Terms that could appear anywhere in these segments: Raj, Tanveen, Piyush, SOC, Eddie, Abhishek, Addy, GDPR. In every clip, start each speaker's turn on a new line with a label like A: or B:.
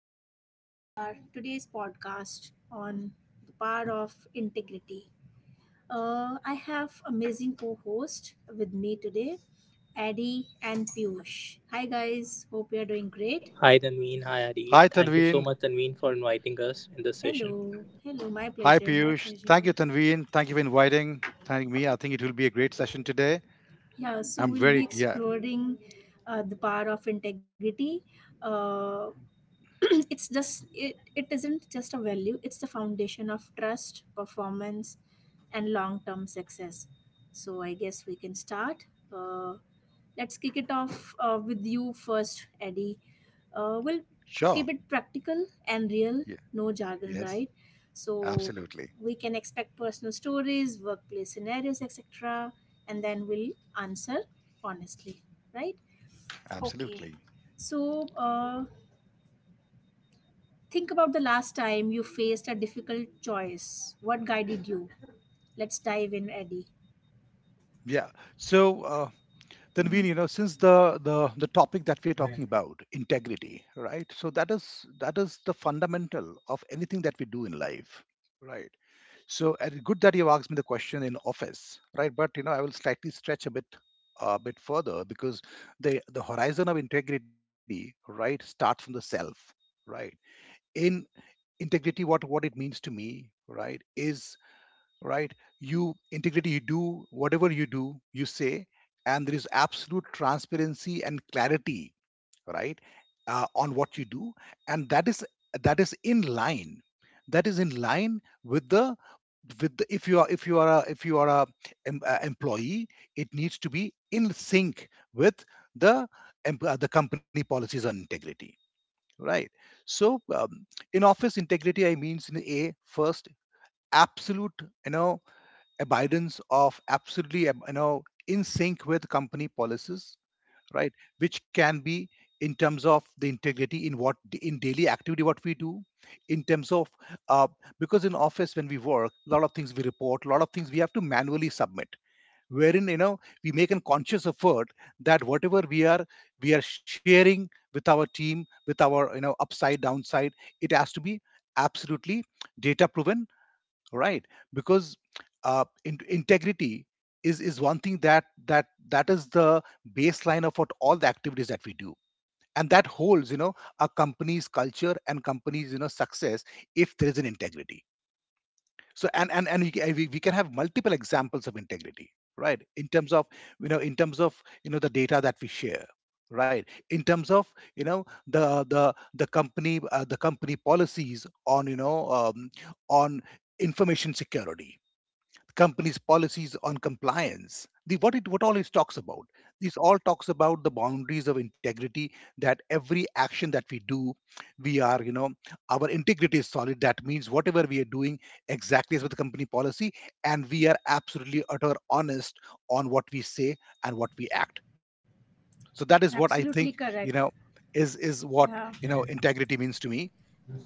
A: Welcome to our today's podcast on the power of integrity. I have amazing co-host with me today, Addy and Piyush. Hi, guys. Hope you are doing great.
B: Hi, Tanveen. Hi, Adi.
C: Hi,
B: Thank you so
C: Tanveen.
B: much, Tanveen, for inviting us in this session.
A: Hello, hello. My
C: Hi,
A: pleasure. My
C: Piyush. Thank you,
A: pleasure.
C: Tanveen. Thank you for inviting, thanking me. I think it will be a great session today.
A: Yeah. So
C: I'm
A: we'll be
C: very, yeah,
A: exploring the power of integrity. Uh, it isn't just a value, it's the foundation of trust, performance, and long-term success. So I guess we can start, uh, let's kick it off, with you first, Eddie. We'll
C: sure.
A: keep it practical and real,
C: Yeah,
A: no jargon,
C: yes,
A: right? So
C: absolutely.
A: we can expect personal stories, workplace scenarios, etc., and then we'll answer honestly, right?
C: Absolutely.
A: So think about the last time you faced a difficult choice. What guided you? Let's dive in, Eddie.
C: Yeah. So Tanveen,
A: Mhm.
C: you know, since the topic that we're talking about, integrity, right? So that is the fundamental of anything that we do in life, right? So good that you asked me the question in office, right? But you know, I will slightly stretch a bit further because the horizon of integrity, right, starts from the self, right? In integrity, what it means to me, right, is right. You integrity, you do whatever you do, you say, and there is absolute transparency and clarity right on what you do and that is in line that is in line with the, if you are a if you are a, employee it needs to be in sync with the the company policies on integrity right so in office integrity I means in a first absolute you know abidance of absolutely you know in sync with company policies right which can be in terms of the integrity in what in daily activity what we do in terms of uh, because in office when we work a lot of things we report a lot of things we have to manually submit wherein you know we make a conscious effort that whatever we are sharing with our team with our you know upside downside it has to be absolutely data proven right because integrity is one thing that that is the baseline of what all the activities that we do and that holds you know a company's culture and company's you know success if there is an integrity so and we can have multiple examples of integrity right in terms of you know in terms of you know the data that we share right in terms of you know the company policies on you know on information security companies' policies on compliance. The what it what all it talks about. This all talks about the boundaries of integrity that every action that we do, we are, you know, our integrity is solid. That means whatever we are doing exactly is with the company policy, and we are absolutely utter honest on what we say and what we act. So that is what
A: Absolutely
C: I think,
A: correct.
C: you know, is what
A: Yeah,
C: you know integrity means to me.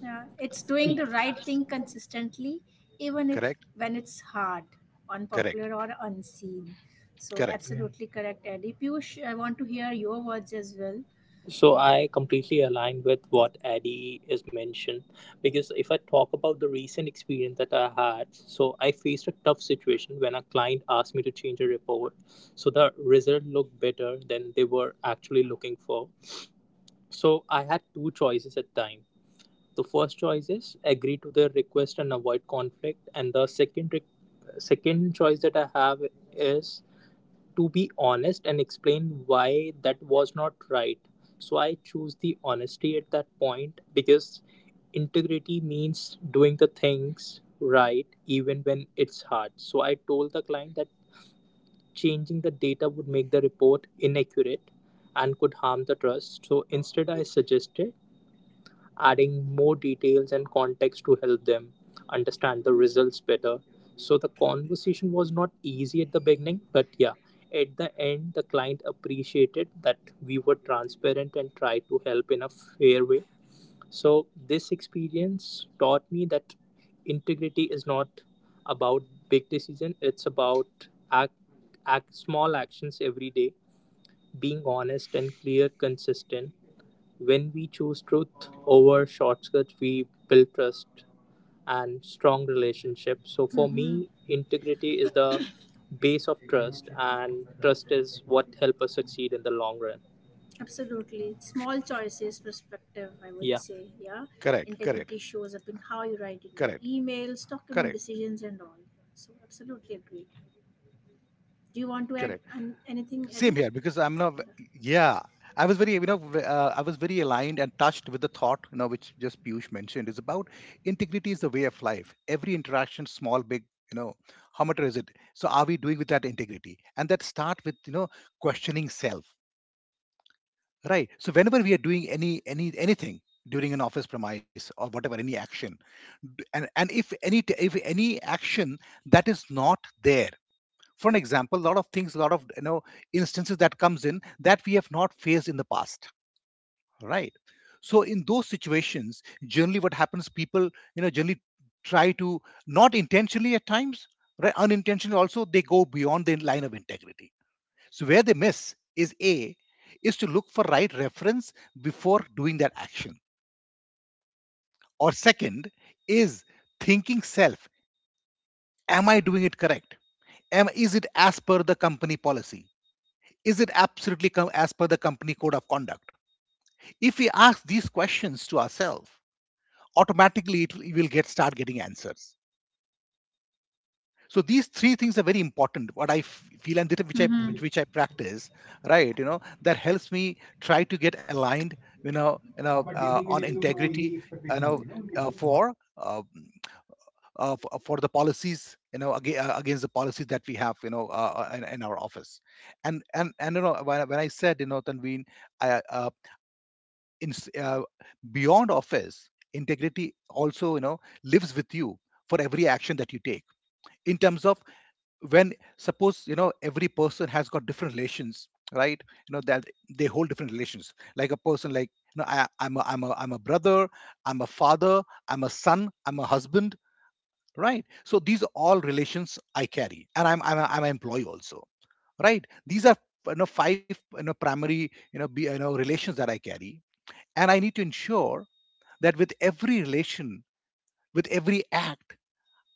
A: yeah. It's doing the right thing consistently, even if
C: Correct?
A: when it's hard, unpopular,
C: Correct.
A: or unseen. So, yeah,
C: Correct.
A: absolutely correct, Eddie. Piyush, I want to hear your words as well.
B: So, I completely align with what Adi is mentioned, because if I talk about the recent experience that I had, so I faced a tough situation when a client asked me to change a report. So, the result looked better than they were actually looking for. So, I had two choices at time. The first choice is agree to their request and avoid conflict, and the second choice that I have is to be honest and explain why that was not right. So I choose the honesty at that point because integrity means doing the things right even when it's hard. So I told the client that changing the data would make the report inaccurate and could harm the trust. So instead, I suggested adding more details and context to help them understand the results better. So the conversation was not easy at the beginning, but yeah, at the end, the client appreciated that we were transparent and tried to help in a fair way. So this experience taught me that integrity is not about big decision, it's about act small actions every day, being honest and clear, consistent. When we choose truth over shortcuts, we build trust and strong relationships. So for
A: Mhm.
B: me, integrity is the base of trust, and trust is what help us succeed in the long run.
A: Absolutely. Small choices perspective, I would
B: Yeah,
A: say. Yeah.
C: Correct.
A: Integrity
C: Correct.
A: shows up in how you write in
C: Correct.
A: your emails,
C: Correct.
A: document decisions, and all. So, absolutely agreed.
C: Correct.
A: Do you want to add
C: Same here because I'm
A: anything,
C: not.
A: Eddie?
C: Yeah, I was very, you know, I was very aligned and touched with the thought, you know, which just Piyush mentioned is about integrity is the way of life. Every interaction, small, big, you know, how much is it? So are we doing with that integrity? And that start with you know questioning self, right? So whenever we are doing any anything during an office premise or whatever any action, and if if any action that is not there for an example a lot of things a lot of you know instances that comes in that we have not faced in the past right so in those situations generally what happens people you know generally try to not intentionally at times right unintentionally also they go beyond the line of integrity so where they miss is a is to look for right reference before doing that action or second is thinking self am I doing it correct am is it as per the company policy. Is it absolutely as per the company code of conduct? If we ask these questions to ourselves, automatically it will you will get start getting answers. So these three things are very important. What I feel and which I practice, right? You know that helps me try to get aligned. On integrity. You know, uh, for uh, for the policies you know against the policies that we have you know in our office and and you know when I said you know tanveen i uh, in, s- uh, beyond office integrity also you know lives with you for every action that you take in terms of when suppose you know every person has got different relations right you know that they hold different relations like a person like you know i'm a brother I'm a father I'm a son I'm a husband right so these are all relations I carry and I'm an employee also right these are you know five you know primary you know relations that I carry and I need to ensure that with every relation with every act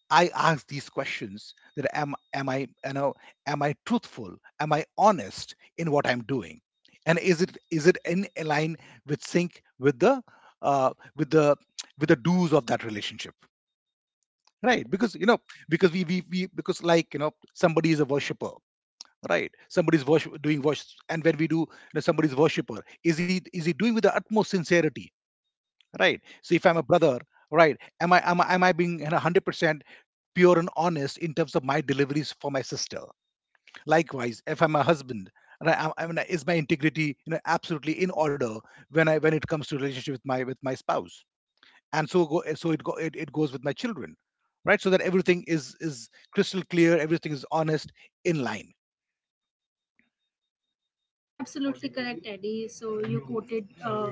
C: I ask these questions that am i you know am I truthful am I honest in what I'm doing and is it in line with sync with the with the with the dues of that relationship right because you know because we because like you know somebody is a worshipper right somebody's worship doing worship and when we do you know, somebody's worshipper is he doing with the utmost sincerity right so if I'm a brother right am I being you know, 100% pure and honest in terms of my deliveries for my sister likewise if I'm a husband right, I mean, is my integrity you know absolutely in order when I when it comes to relationship with my spouse and so go, so it, go, it goes with my children right so that everything is crystal clear everything is honest in line.
A: Yeah, absolutely correct, Eddie. So you quoted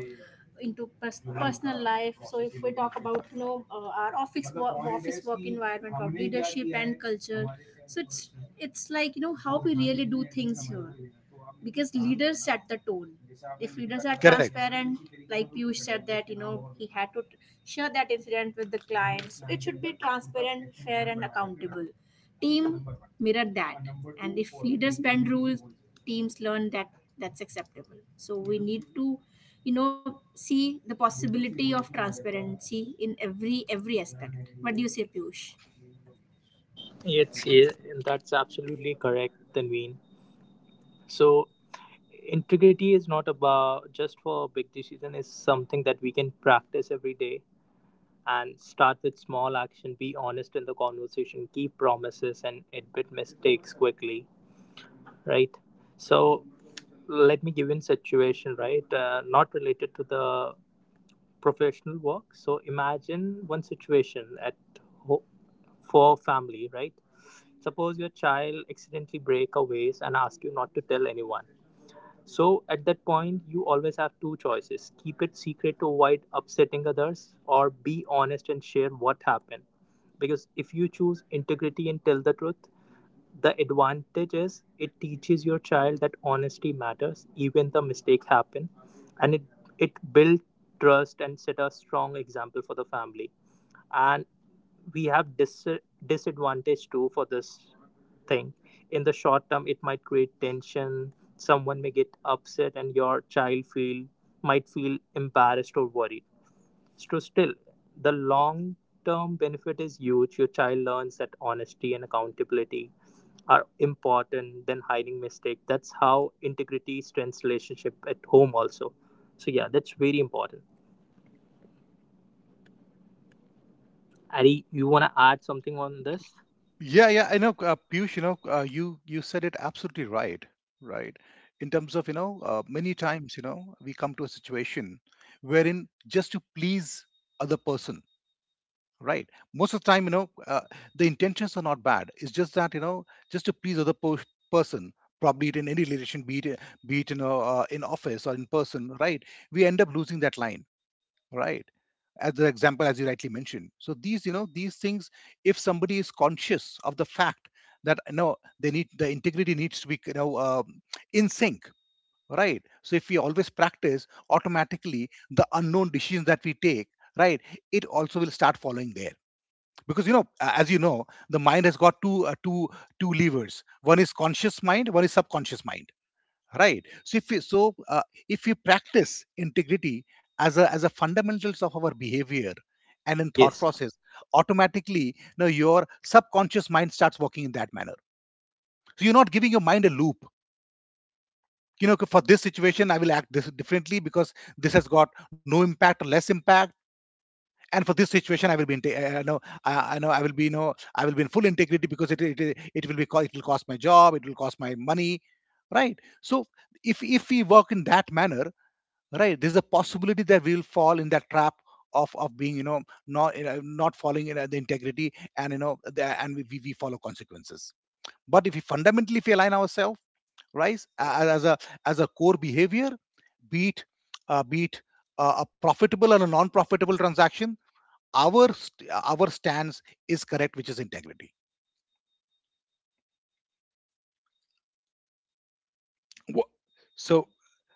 A: into personal life. So if we talk about, you know, our office work environment, of leadership and culture, so it's like, you know, how we really do things here, because leaders set the tone. If leaders are
C: Correct.
A: transparent, like Piyush said, that, you know, he had to share that incident with the clients, so it should be transparent, fair, and accountable. Team mirror that. And if leaders bend rules, teams learn that that's acceptable. So we need to, you know, see the possibility of transparency in every aspect. What do you say, Piyush?
B: yeah, that's absolutely correct, Tanveen. So integrity is not about just for big decision. It's something that we can practice every day and start with small action. Be honest in the conversation. Keep promises and admit mistakes quickly, right? So let me give you a situation, right? Not related to the professional work. So imagine one situation at ho- for family, right? Suppose your child accidentally break a vase and ask you not to tell anyone. So at that point, you always have two choices: keep it secret to avoid upsetting others, or be honest and share what happened. Because if you choose integrity and tell the truth, the advantage is it teaches your child that honesty matters, even the mistake happen, and it builds trust and set a strong example for the family. And we have disadvantage too for this thing. In the short term, it might create tension. Someone may get upset and your child feel might feel embarrassed or worried. So still, the long term benefit is huge. Your child learns that honesty and accountability are important than hiding mistake. That's how integrity strengthens relationship at home also. So yeah, that's very important. Ari, you want to add something on this?
C: Yeah, yeah. I know, Piyush. You know, you said it absolutely right. Right. In terms of you know, many times you know we come to a situation wherein just to please other person right most of the time you know the intentions are not bad it's just that you know just to please other person probably it in any relation be it you know in office or in person right we end up losing that line right as the example as you rightly mentioned so these you know these things if somebody is conscious of the fact that you know they need the integrity needs to be you know in sync right so if we always practice automatically the unknown decisions that we take right it also will start following there because you know as you know the mind has got two levers one is conscious mind one is subconscious mind right so if we if we practice integrity as a fundamentals of our behavior and in thought
B: Yes.
C: process automatically now your subconscious mind starts working in that manner so you're not giving your mind a loop you know for this situation I will act this differently because this has got no impact or less impact and for this situation I will be in no I know I will be no I will be in full integrity because it will be it will cost my job it will cost my money right so if we work in that manner right there's a possibility that we will fall in that trap of being you know, not following you know, the integrity and you know the, and we follow consequences but if we fundamentally if we align ourselves right as a core behavior be it be it a profitable or a non-profitable transaction our stance is correct, which is integrity. Wha- So,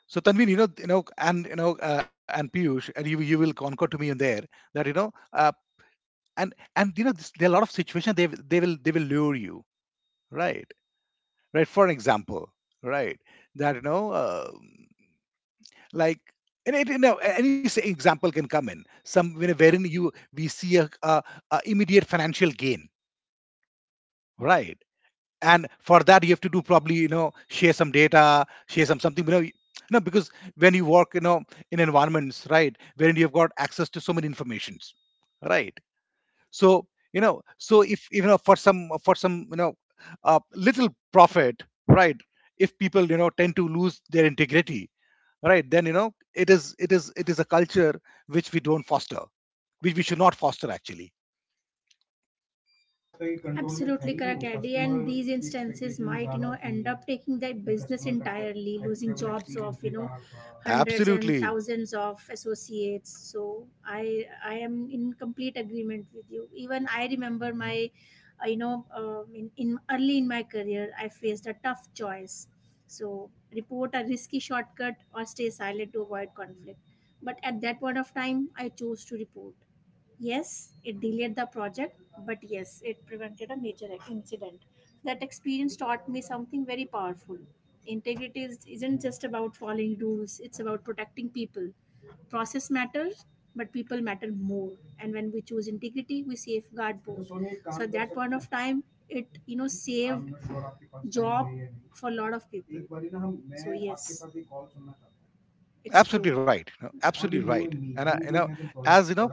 C: so Tanveen, you know, and Piyush, and you will concur to me in there that you know, and you know, this, there are a lot of situations they will lure you, right? Right. For an example, right, that you know, like. And it, you know, any say example can come in. Some you know, wherein you we see a immediate financial gain, right? And for that, you have to do, probably, share some data, share some something, because when you work, in environments, right, wherein you've got access to so many informations, right? So, so if for some, little profit, right, if people tend to lose their integrity, right, then it is a culture which we don't foster, which we should not foster, actually.
A: Absolutely correct, Eddie. And these instances might, you know, end up taking their business entirely, losing jobs of, you know, hundreds and
C: Absolutely.
A: thousands of associates. So I am in complete agreement with you. Even I remember my, you know, in early in my career, I faced a tough choice. So report a risky shortcut or stay silent to avoid conflict. But at that point of time, I chose to report. Yes, it delayed the project, but yes, it prevented a major incident. That experience taught me something very powerful. Integrity isn't just about following rules, it's about protecting people. Process matters, but people matter more. And when we choose integrity, we safeguard both. So at that point of time, it, you know, saved job for a lot of people. So yes, it's
C: Absolutely
A: true.
C: right, absolutely right. And I, as you know,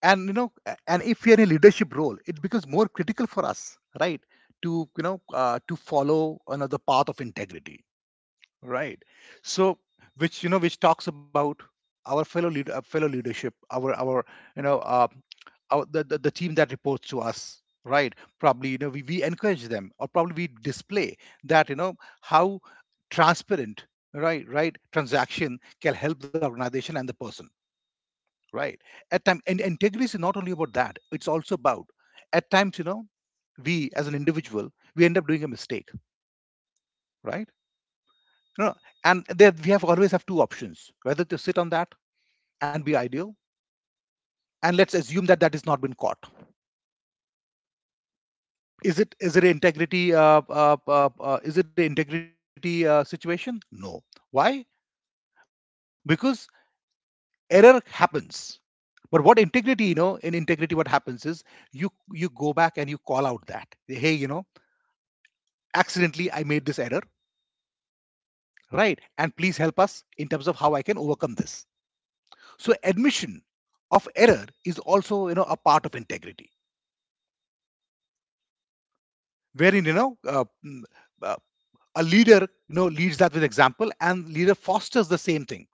C: and if you're in a leadership role, it becomes more critical for us, right, to to follow another path of integrity, right? So, which which talks about our fellow leadership, our you know uh, the team that reports to us, right? Probably we encourage them, or probably we display that how transparent, right transaction can help the organization and the person, right? At time, and integrity is not only about that, it's also about, at times, we as an individual, we end up doing a mistake, right? you know, and there we have, always have two options, whether to sit on that and be ideal, and let's assume that that is not been caught. Is it is it integrity is it an integrity situation? No. Why? Because error happens. But what integrity, in integrity, what happens is you go back and you call out that, hey, accidentally I made this error, right, and please help us in terms of how I can overcome this. So, admission of error is also, a part of integrity, wherein uh, a leader leads that with example, and leader fosters the same thing,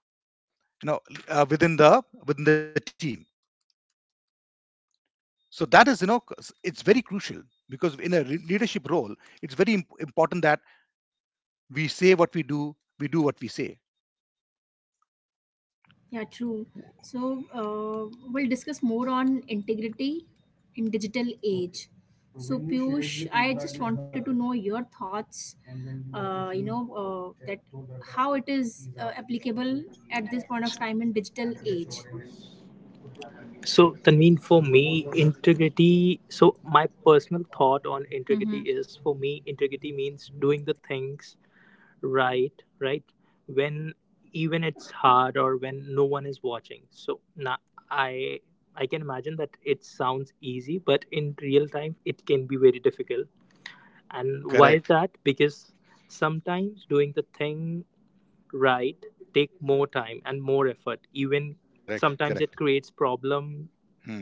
C: you know within the, within the team. So that is, it's very crucial, because in a leadership role, it's very important that we say what we do, we do what we say.
A: Yeah, true. So we'll discuss more on integrity in digital age. So Piyush, I just wanted to know your thoughts. You know, how it is applicable at this point of time in digital age.
B: So, Tanveen, for me, integrity. So, my personal thought on integrity
A: Mm-hmm.
B: is for me, integrity means doing the things right, right? When even it's hard or when no one is watching. So, now I I can imagine that it sounds easy, but in real time, it can be very difficult. And why is
C: Correct,
B: that? Because sometimes doing the thing right take more time and more effort, even
C: correct,
B: sometimes it
C: correct.
B: creates problem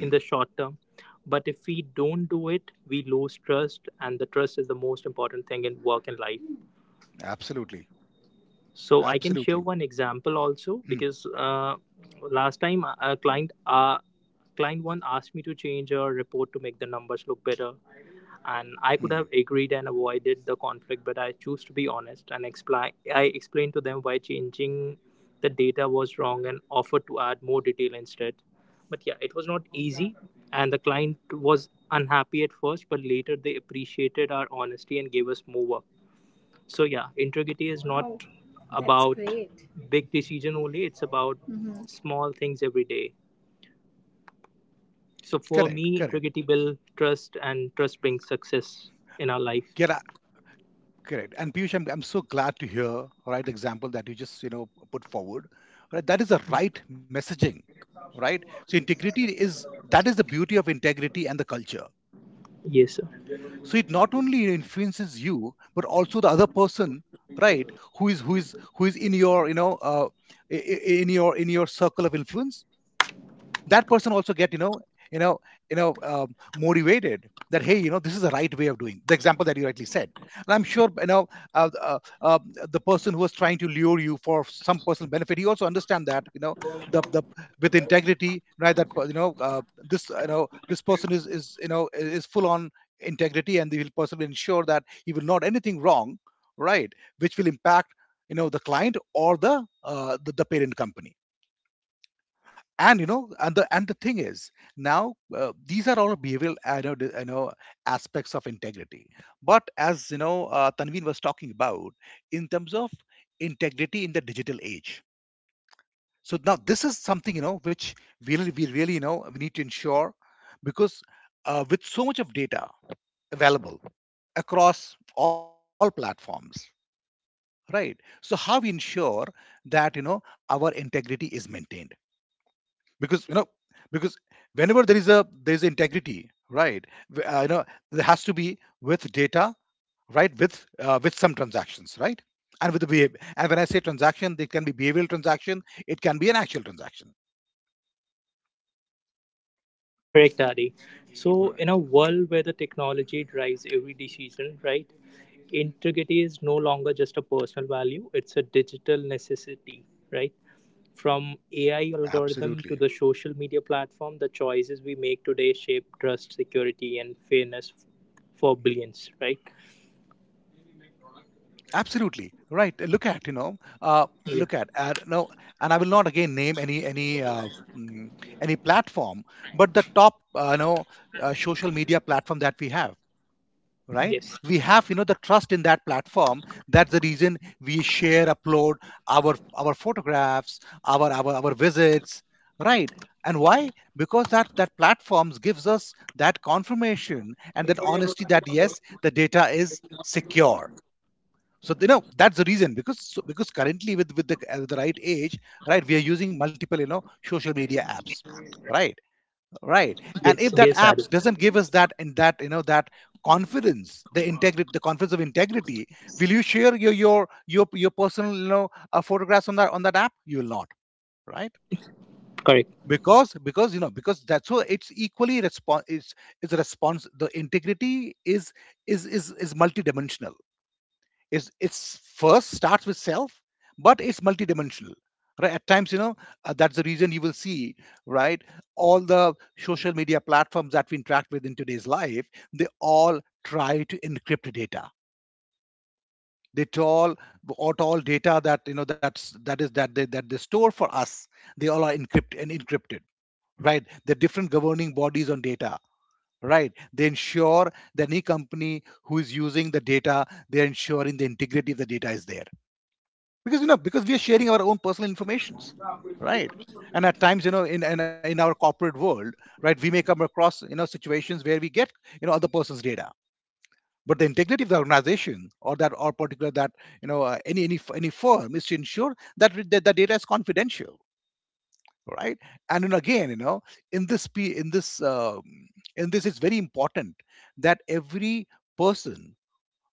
B: in the short term. But if we don't do it, we lose trust, and the trust is the most important thing in work and life.
C: Absolutely,
B: So I can share
C: absolutely.
B: one example also,
C: Hmm.
B: because last time a client, client one asked me to change a report to make the numbers look better, and I could
C: Hmm.
B: have agreed and avoided the conflict, but I choose to be honest and explain. I explained to them why changing the data was wrong and offered to add more detail instead. But yeah, it was not easy, and the client was unhappy at first, but later they appreciated our honesty and gave us more work. So yeah, integrity is not
A: Wow, that's
B: about
A: great.
B: big decision only; it's about small things every day. So for
C: Correct,
B: me,
C: correct.
B: integrity builds trust, and trust brings success in our life.
C: Yeah, correct. And Piyush, I'm so glad to hear, right, the example that you just put forward, right? That is the right messaging, right? So, integrity, is that is the beauty of integrity and the culture. So it
B: Yes,
C: not
B: sir.
C: only influences you, but also the other person, right, who is in your in your, in your circle of influence. That person also get you know motivated that, hey, this is the right way of doing, the example that you rightly said. And I'm sure uh, uh, uh, the person who was trying to lure you for some personal benefit, he also understand that, the, with integrity, right, that this, this person is is full on integrity, and the person will ensure that he will not anything wrong, right, which will impact the client or the the parent company. And and the thing is, now these are all behavioral, I know I know, aspects of integrity. But as you know, Tanveen was talking about in terms of integrity in the digital age. So now this is something, which we really, we need to ensure, because with so much of data available across all platforms, right, so how we ensure that our integrity is maintained, because because whenever there is a, there is integrity, right, w- uh, you know there has to be with data, right, with some transactions, right, and with the behavior. And when I say transaction, it can be behavioral transaction, it can be an actual transaction.
B: Correct, Adi. So,
C: Right.
B: in a world where the technology drives every decision, right? Integrity is no longer just a personal value, it's a digital necessity, right? From AI algorithm
C: Absolutely,
B: to the social media platform, the choices we make today shape trust, security, and fairness for billions, right?
C: absolutely right. Look at, uh,
B: Yeah.
C: look at, no, and I will not again name any, mm, any platform, but the top uh, you know social media platform that we have, right,
B: Yes.
C: we have, the trust in that platform. That's the reason we share, upload our photographs, our, our visits, right? And why? Because that, that platforms gives us that confirmation and that honesty that yes, the data is secure. So, that's the reason because, so, because currently with, the right age, right, we are using multiple, social media apps, right? Right. And
B: Yes,
C: if that
B: yes, Adi.
C: apps doesn't give us that, and that, that confidence, the integrity, the confidence of integrity, will you share your, your personal, photographs on that, on that app? You will not, right?
B: Correct.
C: Because, because that's why it's equally response, it's a response. The integrity is, is multidimensional. Is it's first starts with self, but it's multidimensional, right? At times, that's the reason you will see, right, all the social media platforms that we interact with in today's life, they all try to encrypt data. They all, what all data that, that's, that is that they, that they store for us, they all are encrypted and encrypted, right? The different governing bodies on data, right, they ensure that any company who is using the data, they're ensuring the integrity of the data is there, because because we are sharing our own personal informations, right? And at times, in, in our corporate world, right, we may come across, situations where we get, other person's data, but the integrity of the organization, or that, or particular that, any firm, is to ensure that that the data is confidential, right? And then again, in this p in this in this, it's very important that every person,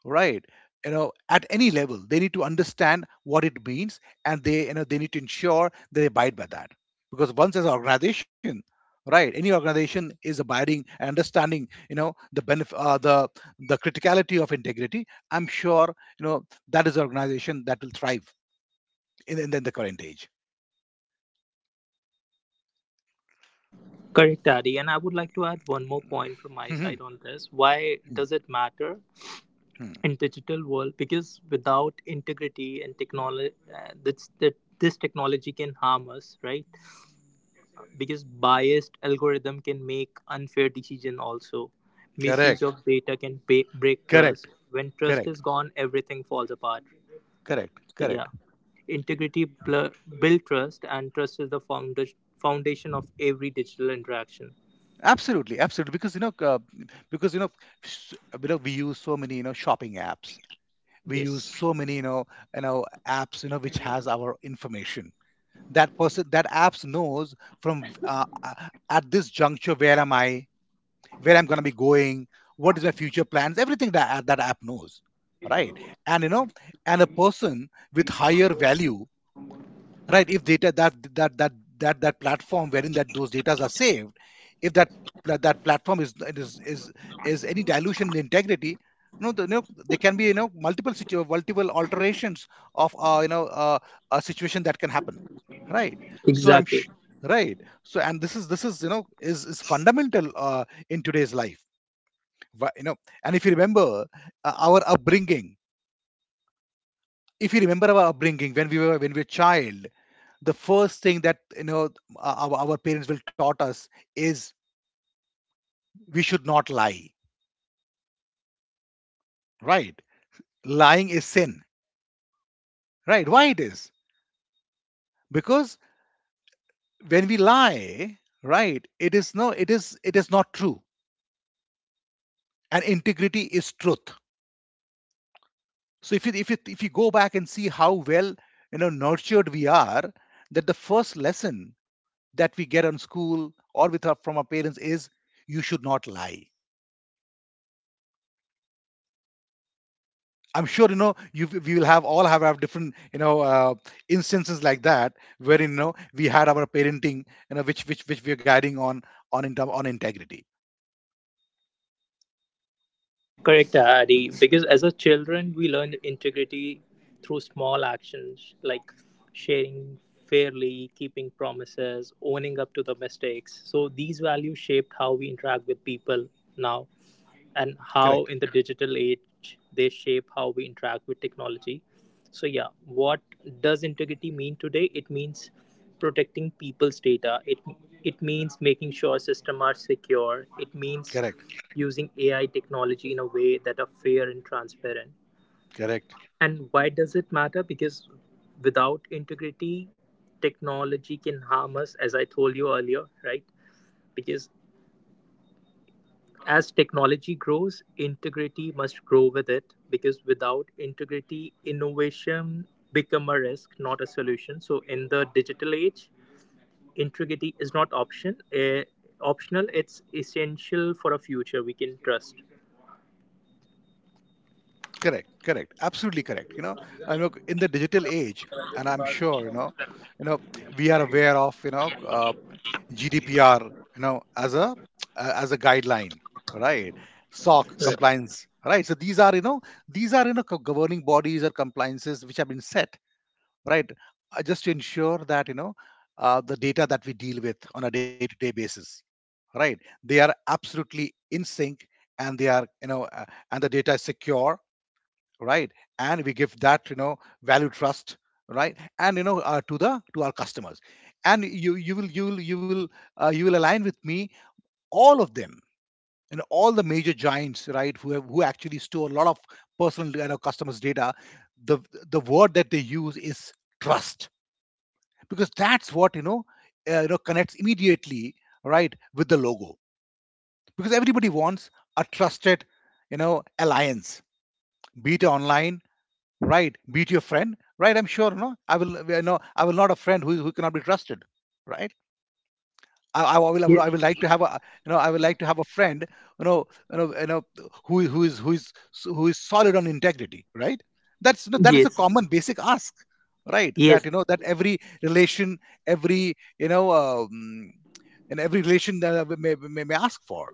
C: right, at any level, they need to understand what it means, and they, they need to ensure they abide by that. Because once, as an organization, right, any organization is abiding and understanding, the benefit, the criticality of integrity, I'm sure that is an organization that will thrive in, in the current age.
B: Correct, Adi. And I would like to add one more point from my
C: Mhm.
B: side on this. Why
C: Mhm.
B: does it matter
C: Mhm.
B: in digital world? Because without integrity and technology, this technology can harm us, right? Because biased algorithm can make unfair decision also. Misuse
C: Correct,
B: of data can break
C: correct,
B: trust. When trust
C: correct,
B: is gone, everything falls apart.
C: correct,
B: So yeah,
C: correct.
B: integrity build trust, and trust is the foundation of every digital interaction.
C: Absolutely, absolutely. Because because s- we use so many, shopping apps, we use
B: Yes.
C: so many, apps, which has our information. That person, that apps knows from at this juncture where am I, where I'm going to be going, what is my future plans, everything that that app knows, right? And, and a person with higher value, right, if data, that platform wherein that, those data are saved, if that that platform is, is any dilution in integrity, you know, the, you know there can be, multiple alterations of a situation that can happen, right? So I'm
B: Exactly.
C: right. So, and this is, this is, is fundamental, in today's life. Wha- you know and if you remember our upbringing, if you remember our upbringing when we were, when we were child, the first thing that, our parents will taught us is we should not lie, right? Lying is sin, right? Why it is? Because when we lie, right, it is no, it is not true, and integrity is truth. So if you, if you go back and see how well, nurtured we are, that the first lesson that we get on school, or with our, from our parents is, you should not lie. I'm sure you we will have all have different, instances like that, where we had our parenting, which, which we are guiding on in term, on integrity.
B: Correct, Adi. Because as a children, we learn integrity through small actions like sharing fairly, keeping promises, owning up to the mistakes. So these values shaped how we interact with people now, and how
C: Correct.
B: in the digital age they shape how we interact with technology. So yeah, what does integrity mean today? It means protecting people's data. It means making sure systems are secure. It means
C: Correct.
B: using AI technology in a way that are fair and transparent.
C: Correct.
B: And why does it matter? Because without integrity, technology can harm us, as I told you earlier, right? Because as technology grows, integrity must grow with it, because without integrity, innovation become a risk, not a solution. So in the digital age, integrity is not optional. It's essential for a future we can trust.
C: Correct. Correct. Absolutely correct. You know, and look, in the digital age, and I'm sure you know, we are aware of, GDPR, you know, as a, as a guideline, right? SOC
B: Right.
C: compliance, right? So these are, you know, these are, governing bodies or compliances which have been set, right? Just to ensure that, the data that we deal with on a day-to-day basis, right? They are absolutely in sync, and they are, and the data is secure, right, and we give that value, trust, right, and you know to the to our customers. And you will align with me, all of them and all the major giants, right, who actually store a lot of personal, customers data. the the word that they use is trust, because that's what connects immediately, right, with the logo. Because everybody wants a trusted, alliance. Be it online, right, beat your friend. Right, I'm sure no I will, I will not a friend who cannot be trusted, right.
B: Ye-
C: I will like to have a, I will like to have a friend you know you know you know who is- who is who is who is solid on integrity, right. That's, that is a
B: Yes.
C: common basic ask, right, that
B: Yes.
C: that every relation, every, and every relation that I may ask for.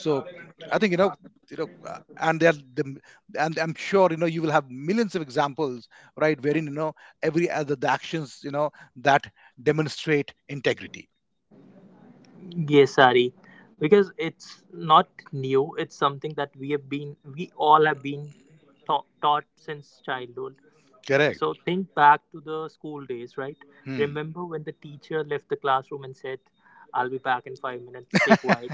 C: So I think, and and I'm sure you will have millions of examples, right, wherein, every other, the actions, that demonstrate integrity.
B: Yes, Sari, because it's not new. It's something that we all have been taught since childhood.
C: Correct.
B: So think back to the school days, right?
C: Hmm.
B: Remember when the teacher left the classroom and said, "I'll be back in 5 minutes. Stay quiet."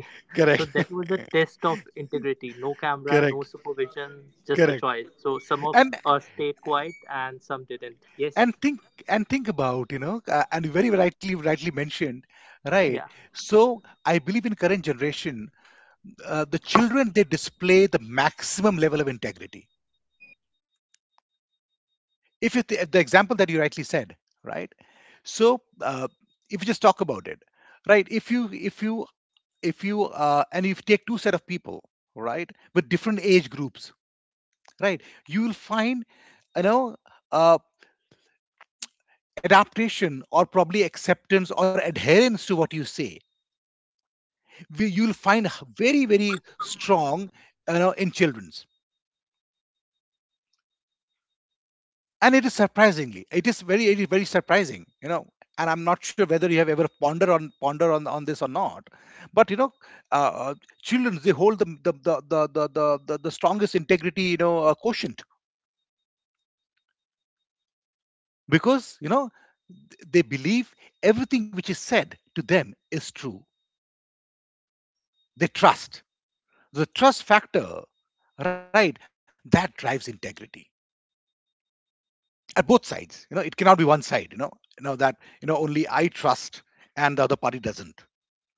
C: Correct.
B: So that was a test of integrity. No camera, no
C: Correct.
B: supervision, just a
C: Correct.
B: choice. So some of
C: And
B: us stayed quiet and some didn't. Yes.
C: and think and think about, and you very rightly mentioned, right.
B: Yeah.
C: So I believe in current generation, the children, they display the maximum level of integrity. If you the example that you rightly said, right. So, if you just talk about it, right. if you if you if you And if you take two set of people, right, with different age groups, right, you will find, you know uh, adaptation or probably acceptance or adherence to what you say, you'll find very very strong, in children. And it is very, it is very surprising, and I'm not sure whether you have ever ponder on this or not. But uh, uh, children, they hold the strongest integrity, quotient. Because, they believe everything which is said to them is true. They trust. The trust factor, right, that drives integrity at both sides. It cannot be one side. You know that you know Only I trust and the other party doesn't.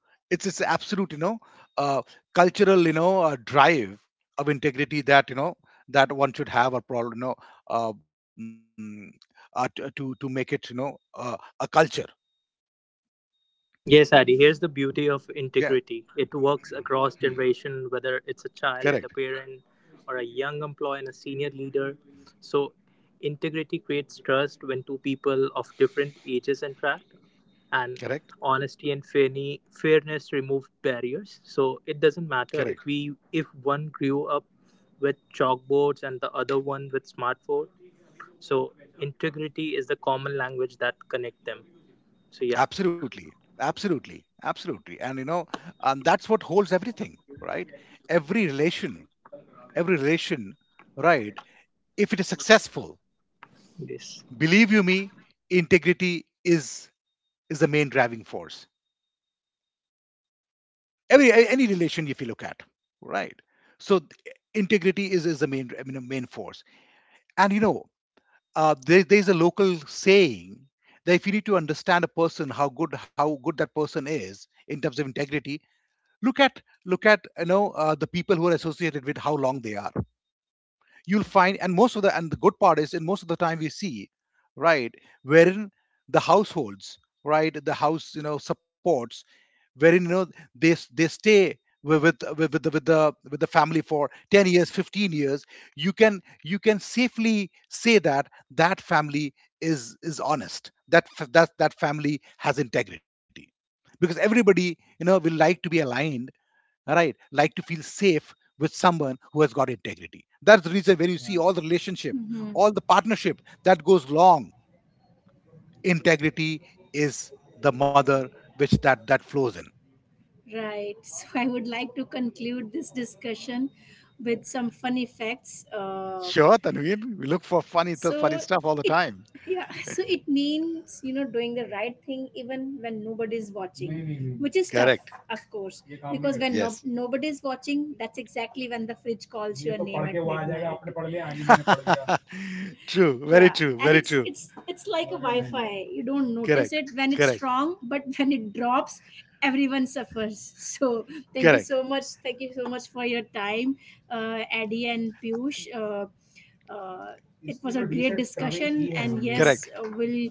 C: It's absolute, uh, cultural, drive of integrity. That you know That one should have a problem, um, to make it, a culture.
B: Yes, Adi, here's the beauty of
C: Yeah.
B: integrity. It works
C: Hmm.
B: across generation, whether it's a
C: Correct.
B: child and a parent or a young employee and a senior leader. So integrity creates trust when two people of different ages interact, and
C: Correct.
B: honesty and fairness remove barriers. So it doesn't matter if
C: Correct.
B: we if one grew up with chalkboards and the other one with smartphone. So integrity is the common language that connect them. So yeah,
C: Absolutely. Absolutely. Absolutely. And and that's what holds everything, right. Every relation, every relation, right, if it is successful.
B: this.
C: Believe you me, integrity is is the main driving force. Every any relation if you look at, right. So integrity is the main, I mean a main force. And there, there's a local saying that if you need to understand a person, how good, how good that person is in terms of integrity, look at, the people who are associated with, how long they are. You'll find, and most of the, and the good part is, in most of the time we see, right, wherein the households, right, the house, supports, wherein, they stay with the family for 10 years, 15 years, you can, you can safely say that that family is honest. That that that family has integrity, because everybody, will like to be aligned. All right, like to feel safe with someone who has got integrity. That's the reason where you see all the relationship,
A: Mm-hmm.
C: all the partnership, that goes long. Integrity is the mother, which that flows in.
A: Right. So I would like to conclude this discussion with some fun facts. Uh,
C: Sure, Tanvir. We look for funny, funny
A: so
C: stuff all the
A: it
C: time.
A: yeah, so it means, you know, doing the right thing even when nobody's watching, which is
C: Correct.
A: tough, of course, because when करते
C: Yes.
A: no, nobody's watching, that's exactly when the fridge calls your name at midnight.
C: True. Very
A: Yeah,
C: true.
A: and
C: Very
A: it's
C: true.
A: it's it's like a wi-fi, you don't notice
C: Correct.
A: it when it's
C: Correct.
A: strong, but when it drops, everyone suffers. So thank you
C: Correct.
A: so much, thank you so much for your time, Eddie and Piyush. Uh, it was a great discussion, and yes,
C: Correct.
A: we'll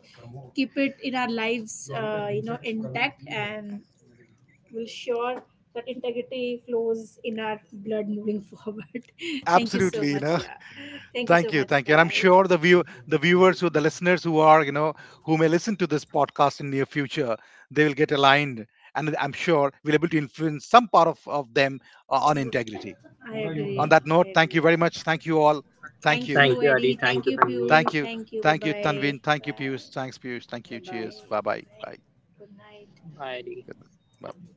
A: keep it in our lives, you know, intact, and we'll sure that integrity flows in our blood moving forward. Thank you so
C: Absolutely. You
A: much.
C: know.
A: Yeah, thank you so
C: Thank you.
A: much,
C: Thank you. And I'm
A: guys.
C: sure the the viewers, who the listeners who are, who may listen to this podcast in near future, they will get aligned, and I'm sure we'll able to influence some part of them, on integrity.
A: I agree.
C: On that
A: I
C: note, thank you
A: agree.
C: very
A: Yeah.
C: much. Thank you all. Thank
A: Thank
C: you.
A: you,
B: Thank you, Adi.
A: Eddie. Thank
B: Thank you,
A: you,
B: Tanveen.
C: Thank
A: Piyush.
C: you.
A: Thank you. Bye
C: Thank you,
A: bye.
C: Tanveen. Thank you,
A: Bye.
C: Piyush. Thanks, Piyush. Thank
A: Bye
C: you.
A: bye.
C: Cheers. Bye bye.
A: Bye.
C: Bye.
A: Good night.
B: Bye,
C: Good
B: Adi.
C: night. Bye bye.